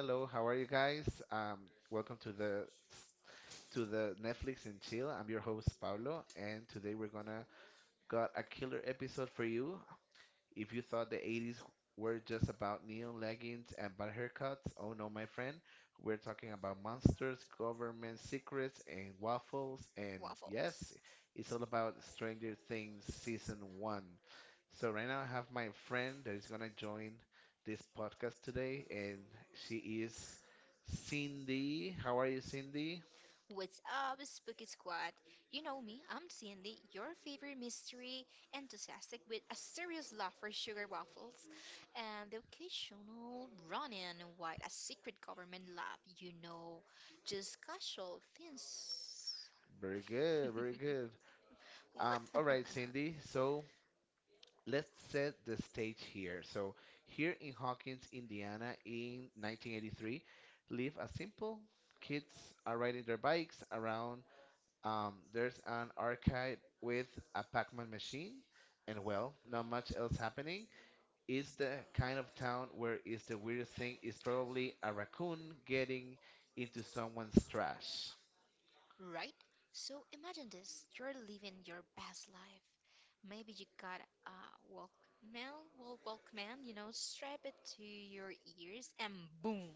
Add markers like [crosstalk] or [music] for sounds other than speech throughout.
Hello, how are you guys? Welcome to the Netflix and Chill. I'm your host Pablo, and today we're gonna got a killer episode for you. If you thought the 80s were just about neon leggings and bad haircuts, oh no, my friend, we're talking about monsters, government secrets, and waffles. And waffles, yes. What's up, Spooky Squad? You know me, I'm Cindy, your favorite mystery enthusiastic with a serious love for sugar waffles and the occasional run-in while a secret government lab, just casual things. [laughs] Right? So imagine this, you're living your best life. Maybe you got a Walkman, well, Walkman, strap it to your ears and boom,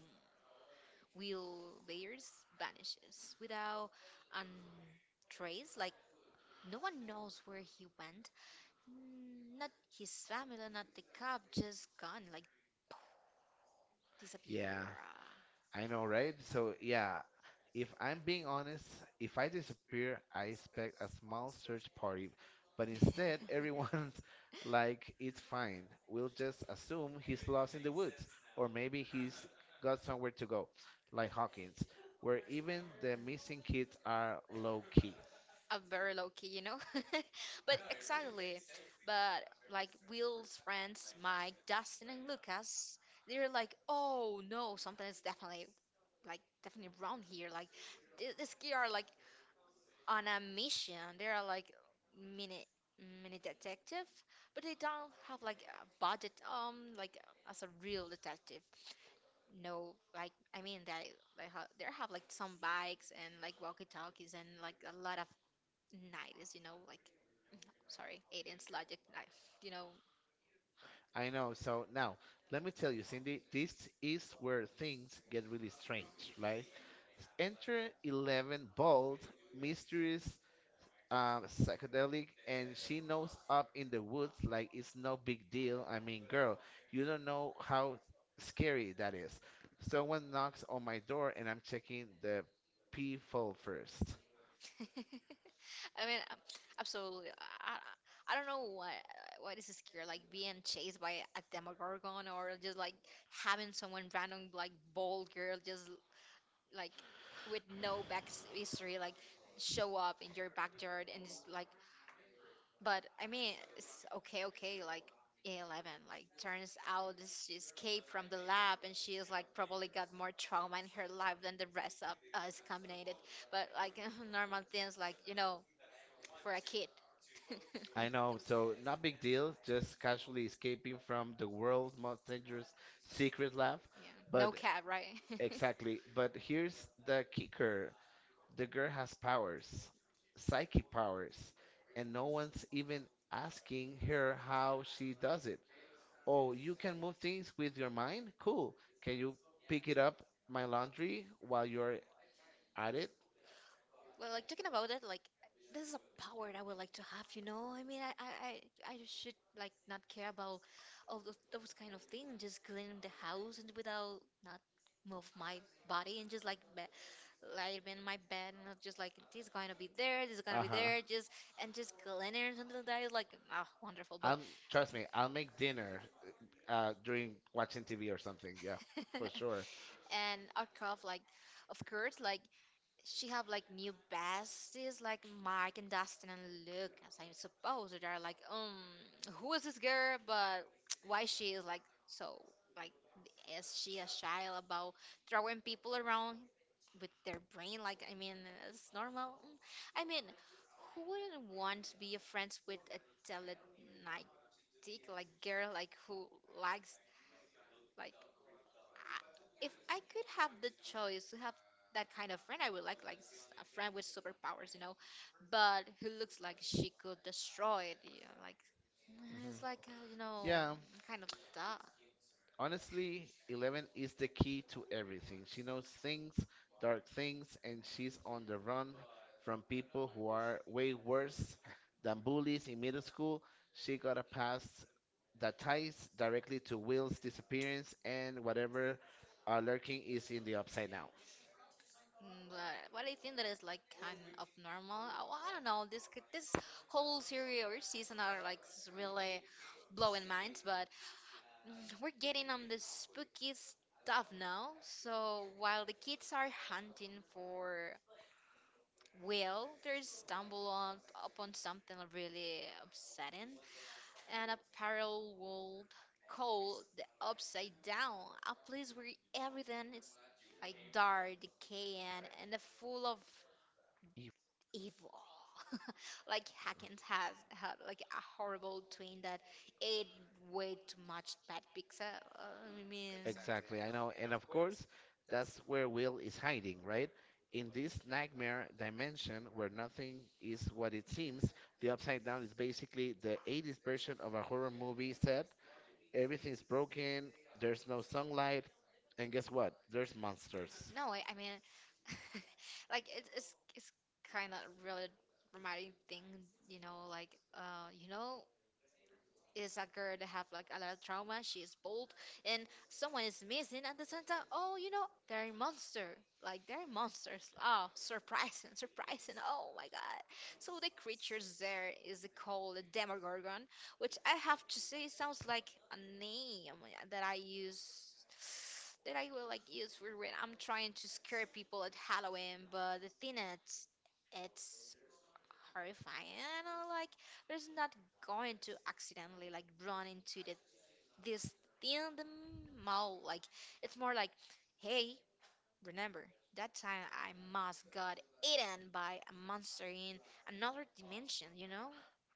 Will Bears vanishes without a trace. Like no one knows where he went. Mm. Not his family, not the cop, just gone, like disappear. Am very low key, you know? [laughs] But exactly. But like Will's friends, Mike, Dustin, and Lucas, they're like, oh no, something is definitely like definitely wrong here. Like this kid are like on a mission. They are like mini mini detective, but they don't have like a budget like as a real detective. No, like I mean that they how there have like some bikes and like walkie-talkies and like a lot of nineties, you know, like [clears throat] [tsk] sorry, 18's logic night, you know. [laughs] I mean, absolutely. I I don't know what is scary, like being chased by a Demogorgon or just like having someone random like bold girl just like with no back history like show up in your backyard and just like, but I mean, it's okay, okay, like 11, like turns out she escaped from the lab and she is like probably got more trauma in her life than the rest of us combined. But like [laughs] normal things, like, you know, for a kid. [laughs] I. Yeah. No cat, right? [laughs] Well, like talking about it, like this is a power that I would like to have, you know? I mean, I I should like not care about all those kind of things, just cleaning the house and without not move my body and just like be, lie in my bed and not just like this is gonna be there, this is gonna be there, just and just clean it or something like that is like ah wonderful, but [laughs] and our cough like of course like she have like new besties like Mike and Dustin and Luke as I suppose they're like who is this girl, but why she is like so, like is she a child about throwing people around with their brain, like I mean it's normal. Mm. I mean who wouldn't want to be friends with a telekinetic like girl, like who likes, like if I could have the choice to have that kind of friend, I would like a friend with superpowers, you know, but who looks like she could destroy it, you know, like it's like you know, kind of that. Mm. But what I think that is like kind of normal. Oh, I don't know. This whole series or season are like really blowing minds. But [laughs] mm, we're getting on the spooky stuff now. So while the kids are hunting for, well, they stumble on upon something really upsetting and a parallel world called the Upside Down, a place where everything is like dark, decaying, and full of evil. [laughs] Like Hackens has had like a horrible twin that ate way too much bad pizza. I mean, Exactly, I know. And of course, that's where Will is hiding, right? In this nightmare dimension where nothing is what it seems, the Upside Down is basically the 80s version of a horror movie set. Everything's broken, there's no sunlight, and guess what? There's monsters. no, I mean, [laughs] like it's kind of really reminding thing, you know, like you know, is a girl that have like a lot of trauma. She is bold, and someone is missing at the same time. Oh, you know, they're a monster. Like they're monsters. [laughs] Oh, surprising, surprising. Oh my god. So the creatures there is called a Demogorgon, which I have to say sounds like a name that I use. [sighs] That I will like use for when I'm trying to scare people at Halloween, but the thing is, it's horrifying. And I like, there's not going to accidentally like run into the, this thing in the mall. Like, it's more like, hey, remember that time I must got eaten by a monster in another dimension, you know?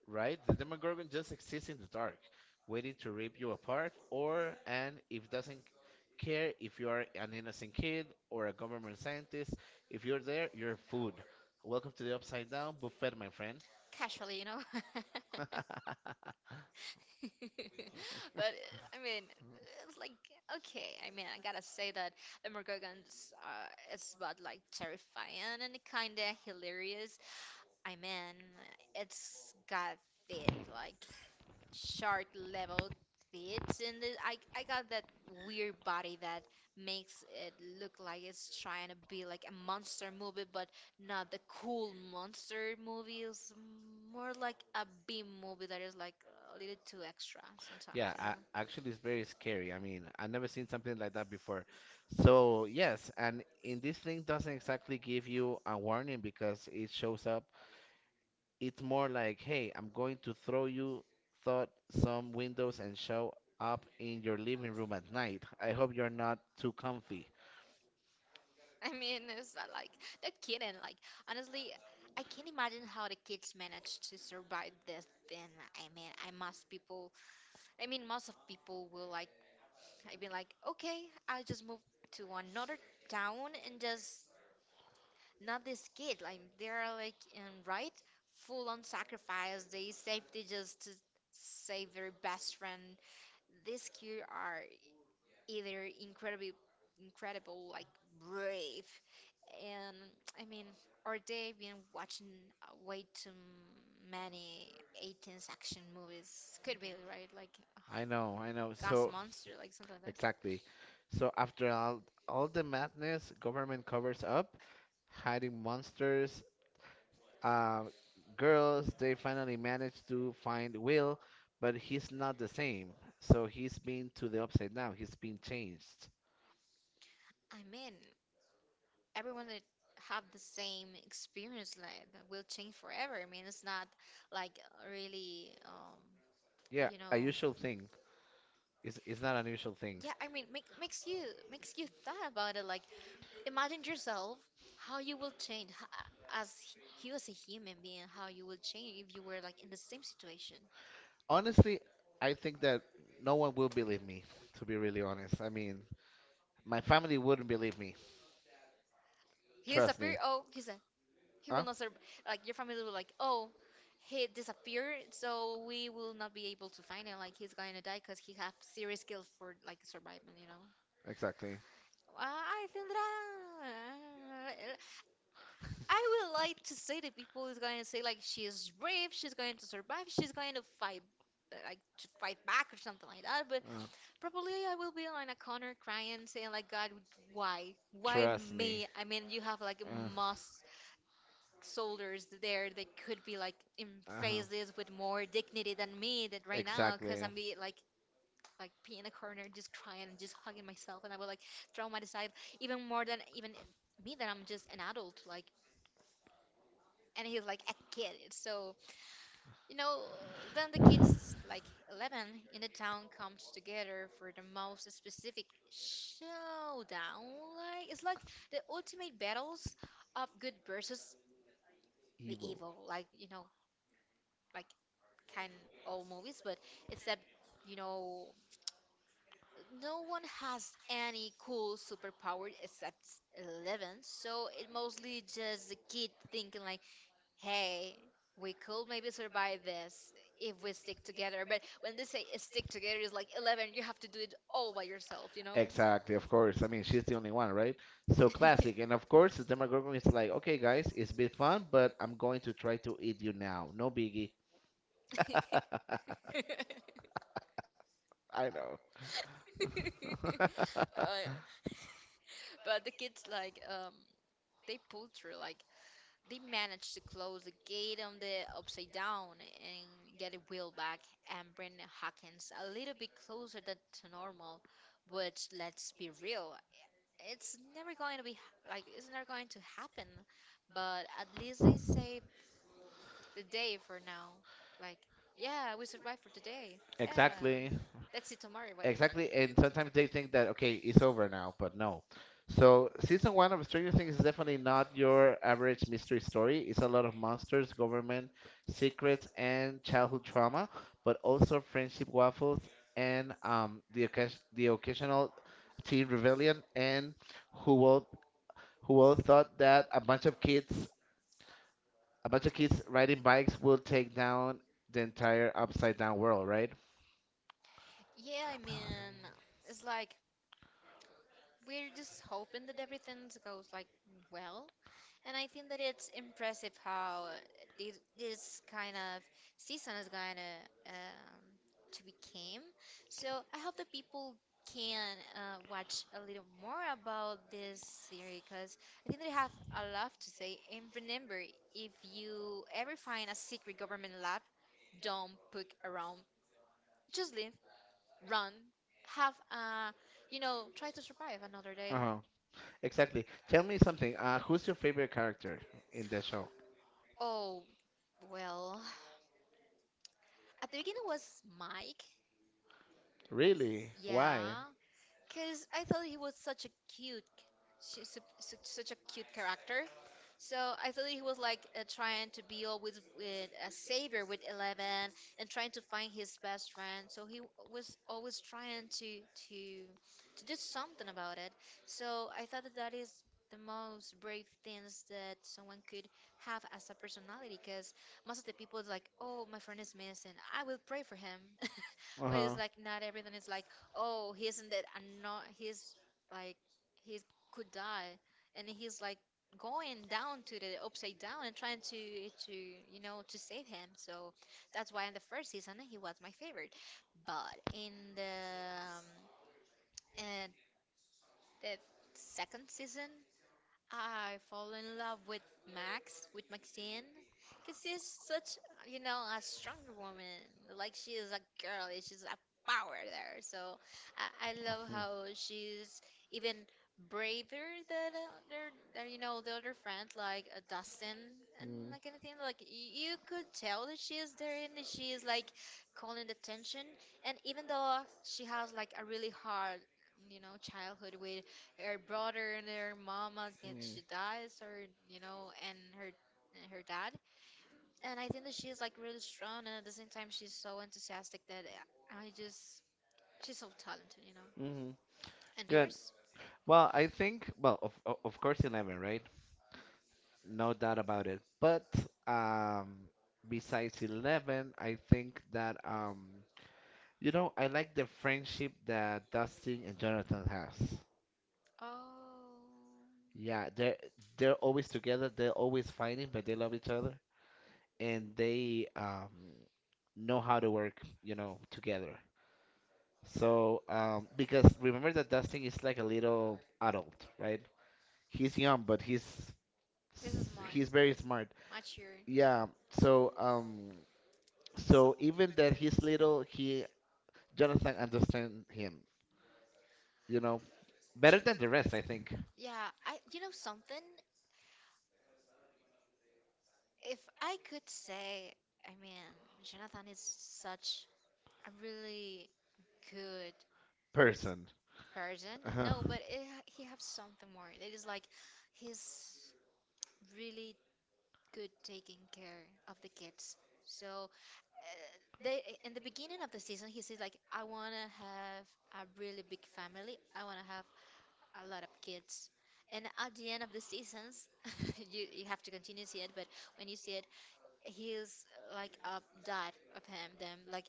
Right? The Demogorgon just exists in the dark, waiting to rip you apart, or and if doesn't care if you are an innocent kid or a government scientist, if you're there, you're food. Welcome to the Upside Down buffet, my friend. Casually, you know? [laughs] [laughs] But I mean, it's like okay. I mean, I gotta say that the Morgans is about like terrifying and kind of hilarious. I mean, it's got teeth, like shark level teeth, and it- I got that weird body that makes it look like it's trying to be like a monster movie, but not the cool monster movie. It's more like a B movie that is like a little too extra sometimes, Yeah, you actually, it's know? very scary. I mean, I've never seen something like that before. So yes, and in this thing doesn't exactly give you a warning because it shows up. It's more like, hey, I'm going to throw you thought some windows and show up in your living room at night. I hope you're not too comfy. [laughs] I mean, it's not like the kidding. Like honestly, I can't imagine how the kids managed to survive this thing. I mean, I must people. I mean, most of people will like. I mean, like, okay, I'll just move to another town and just not this kid. Like they're like in right full on sacrifice. They safety just to save their best friend. These kids are either incredibly incredible like brave and I mean or they've been watching way too many 18th action movies could be right like uh, I know, I know. gas So, monster like something like that. exactly. So after all the madness, government covers up, hiding monsters, uh, girls, they finally manage to find Will, but he's not the same. So he's been to the upside down. He's been changed. I mean everyone that have the same experience like that will change forever. I mean it's not like really Yeah, you know. a usual thing. It's not an unusual thing. Yeah I mean makes you thought about it like, imagine yourself how you will change as you as a human being, how you will change if you were like in the same situation. Honestly, I think that no one will believe me, to be really honest. I mean, my family wouldn't believe me. He Trust me. disappeared. Oh, he said he will Huh? not serve. Like your family will like, oh, he disappeared, so we will not be able to find him. Like he's gonna die because he have serious skills for like survival. You know. Exactly. [laughs] I think that. I would like to say that people is going to say like she is brave, she's going to survive, she's going to fight, like to fight back or something like that. But Uh, probably I will be on a corner crying, saying like, God, why trust me. me? I mean, you have like Uh, most soldiers there that could be like in uh-huh. phases with more dignity than me that right now, because Exactly. I'm be like pee in a corner, just crying and just hugging myself, and I will like traumatize even more than even me that I'm just an adult. Like and he was like a kid so you know then the kids like 11 in the town comes together for the most specific showdown like it's like the ultimate battles of good versus the Evil. evil, like you know, like kind of old movies but except you know no one has any cool superpower except 11, so it mostly just the kid thinking like hey, we could maybe survive this if we stick together. But when they say stick together, it's like 11, you have to do it all by yourself, you know? Exactly, of course. I mean, she's the only one, right? So classic. And of course, the Demogorgon is like, okay, guys, it's been fun, but I'm going to try to eat you now. No biggie. [laughs] [laughs] [laughs] I know. Uh, but the kids, like, they pull through, like, they managed to close the gate on the upside down and get it wheel back and bring Hawkins a little bit closer than to normal, which let's be real, it's never going to be it's never going to happen, but at least they saved the day for now. Like, yeah, we survived for today. [laughs] Yeah, Exactly. let's see tomorrow what. Exactly, and sometimes they think that okay, it's over now, but no. So season one of Stranger Things is definitely not your average mystery story. It's a lot of monsters, government secrets, and childhood trauma, but also friendship waffles and the the occasional teen rebellion and who will who all thought that a bunch of kids riding bikes will take down the entire upside down world, right? Yeah, I mean, it's like we're just hoping that everything goes like well. And I think that it's impressive how this kind of season is gonna um, to became. So I hope that people can watch a little more about this series because I think they have a lot to say. And remember, if you ever find a secret government lab, don't poke around. Just leave, run, have a, you know, try to survive another Uh day. huh. Exactly. Tell me something. Who's your favorite character in the show? Oh well. At the beginning was Mike. Really? Why? Yeah, because I thought he was such a cute, such a cute character. So I thought he was like trying to be always with a savior with 11 and trying to find his best friend. So he was always trying to to do something about it. So I thought that that is the most brave things that someone could have as a personality. Because most of the people is like, oh, my friend is missing. I will pray for him. [laughs] Uh But it's huh. like not everything is like, oh, he isn't dead. And not he's like, he could die, and he's like going down to the upside down and trying to you know to save him. So that's why in the first season he was my favorite. But in and the second season I fall in love with Max, with Maxine, because she's such, you know, a strong woman. Like she is a girl, she's a power there. So I love Mhm. how she's even braver than other, than, you know, the other friend, like Dustin and Mm. like anything. Like you could tell that she is there and that she is like calling the attention. And even though she has like a really hard, you know, childhood with her brother and her mama get she dies or you know and her dad. And I think that she's like really strong, and at the same time she's so enthusiastic that I just she's so talented, you know, Mm-hmm. and Good. yours. Well, I think, well, of course, Eleven, right? No doubt about it. But um, besides Eleven, I think that you know, I like the friendship that Dustin and Jonathan has. Oh, Yeah, they're always together, they're always fighting, but they love each other and they know how to work, you know, together. So, um, because remember that Dustin is like a little adult, right? He's young, but this is more he's very smart. mature. Yeah. So, um, so even that he's little, he Jonathan understands him, you know, J- better than the rest, I think. yeah, I, you know something, if I could say I mean Jonathan is such a really good Person. Persian? Uh-huh. No, but it, he have something more. It is like he's really good taking care of the kids. So uh, they in the beginning of the season, he says like, "I wanna have a really big family. I wanna have a lot of kids." And at the end of the seasons, [laughs] you have to continue to see it. But when you see it, he's like a dad of him, them, like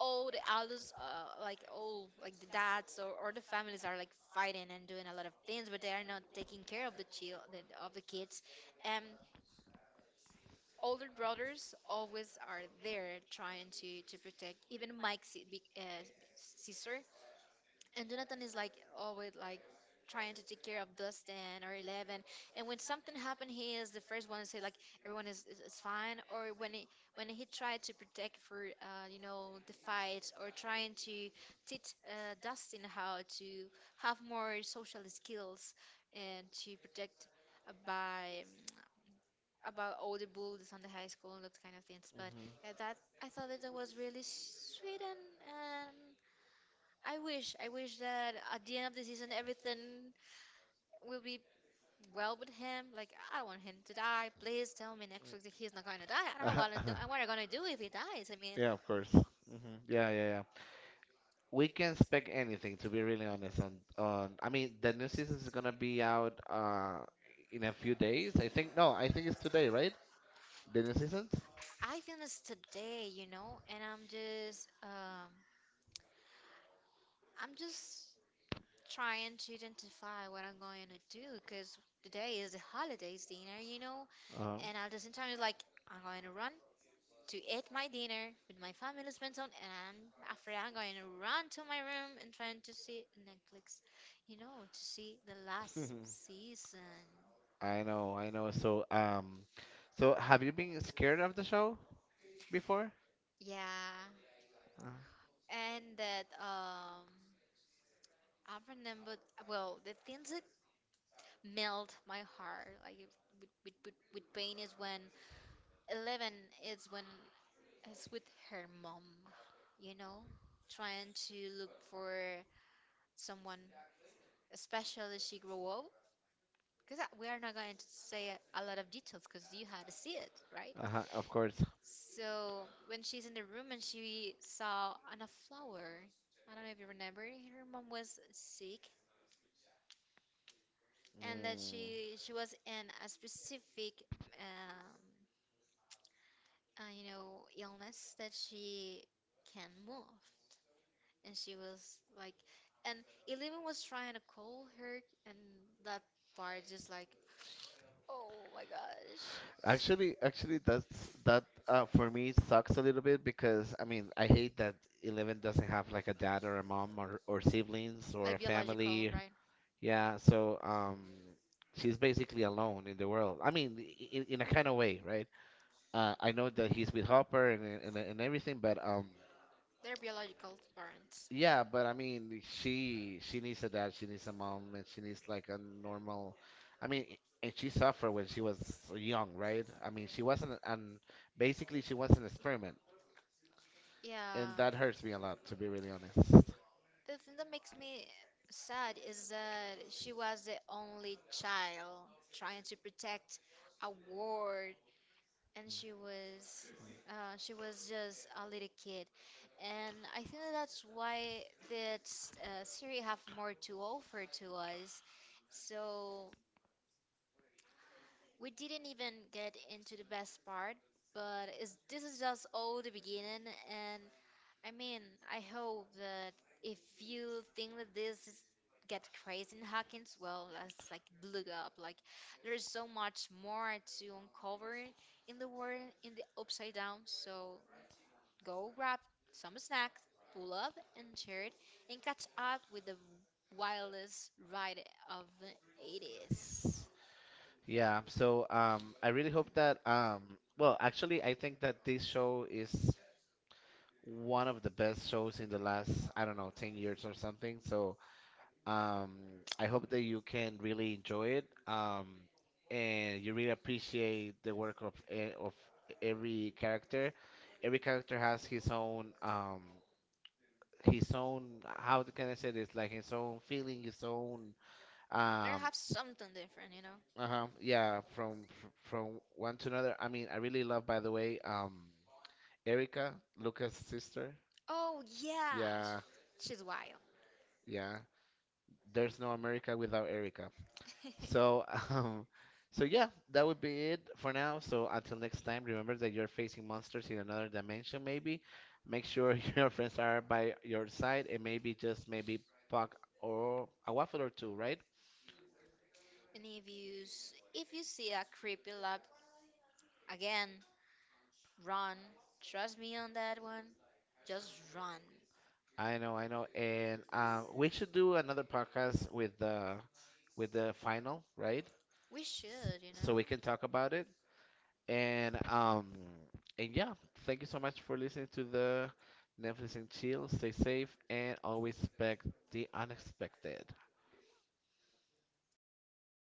all the elders, like all like the dads or the families are like fighting and doing a lot of things, but they are not taking care of the child of the kids. And older brothers always are there trying to protect. Even Mike's big, sister, and Jonathan is like always like trying to take care of Dustin or Eleven. And when something happened, he is the first one to say like everyone is fine. Or when he tried to protect for you know, the fight, or trying to teach Dustin how to have more social skills and to protect by about all the bullies on the high school and that kind of things. But Mhm. yeah, that I thought that, that was really sweet and. I wish that at the end of the season everything will be well with him. Like I don't want him to die. Please tell me next week that he's not going to die. I don't know Uh-huh. what I'm [laughs] what I'm gonna do if he dies. I mean, Yeah, of course. Hmm. Yeah, yeah, yeah. We can expect anything, to be really honest. I mean, the new season is gonna be out in a few days. I think no, I think it's today, right? The new seasons. I feel this today, you know, and I'm just trying to identify what I'm going to do because today is the holidays dinner, you know, Uh-huh. and at the same time it's like I'm going to run, to eat my dinner with my family spent on, and after I'm going to run to my room and trying to see Netflix, you know, to see the last [laughs] season. I know, I know. So, so have you been scared of the show before? Yeah, Uh, and that I remember well the things that melt my heart like with with pain is when Eleven is when is with her mom, you know, trying to look for someone, especially she grew up, because we are not going to say a lot of details because you had to see it, right? uh-huh, of course. So when she's in the room and she saw on a flower, I don't know if you remember, her mom was sick, and that Mm. she was in a specific um, you know, illness that she can move, and she was like, and Eleven was trying to call her, and that part just like, oh my gosh. Actually, that's that for me sucks a little bit because I mean I hate that Eleven doesn't have like a dad or a mom or siblings or a Like biological, family. right? Yeah, so she's basically alone in the world. I mean, in a kind of way, right? I know that he's with Hopper and and everything, but. They're biological parents. Yeah, but I mean, she needs a dad, she needs a mom, and she needs like a normal. I mean, and she suffered when she was young, right? I mean, she wasn't an basically she was an experiment, and Yeah. that hurts me a lot to be really honest. The thing that makes me sad is that she was the only child trying to protect a ward, and she was just a little kid, and I think that that's why that Siri have more to offer to us. So we didn't even get into the best part, but is this is just all the beginning, and I mean, I hope that if you think that this is get crazy in Hawkins, well, let's like look up. Like there's so much more to uncover in the world in the upside down, so go grab some snacks, pull up and share it and catch up with the wildest ride of the 80s. Yeah, so I really hope that well, actually, I think that this show is one of the best shows in the last, I don't know, 10 years or something. So um, I hope that you can really enjoy it, and you really appreciate the work of of every character. Every character has his own his own, how can I say this? Like his own feeling, his own They um, have something different, you know? uh-huh, yeah, from one to another. I mean, I really love, by the way, Erica, Lucas' sister. Oh yeah, Yeah, yeah, she's wild. yeah. There's no America without Erica. So, [laughs] [laughs] um, so yeah, that would be it for now. So until next time, remember that you're facing monsters in another dimension. Maybe make sure [laughs] your friends are by your side, and maybe just maybe puck or a waffle or two, right? And if you if you see a creepy lab again, run. Trust me on that one. Just run. I know, and we should do another podcast with the final, right? We should, you So we know. can talk about it. And um, and yeah, thank you so much for listening to the Netflix and Chill. Stay safe and always expect the unexpected.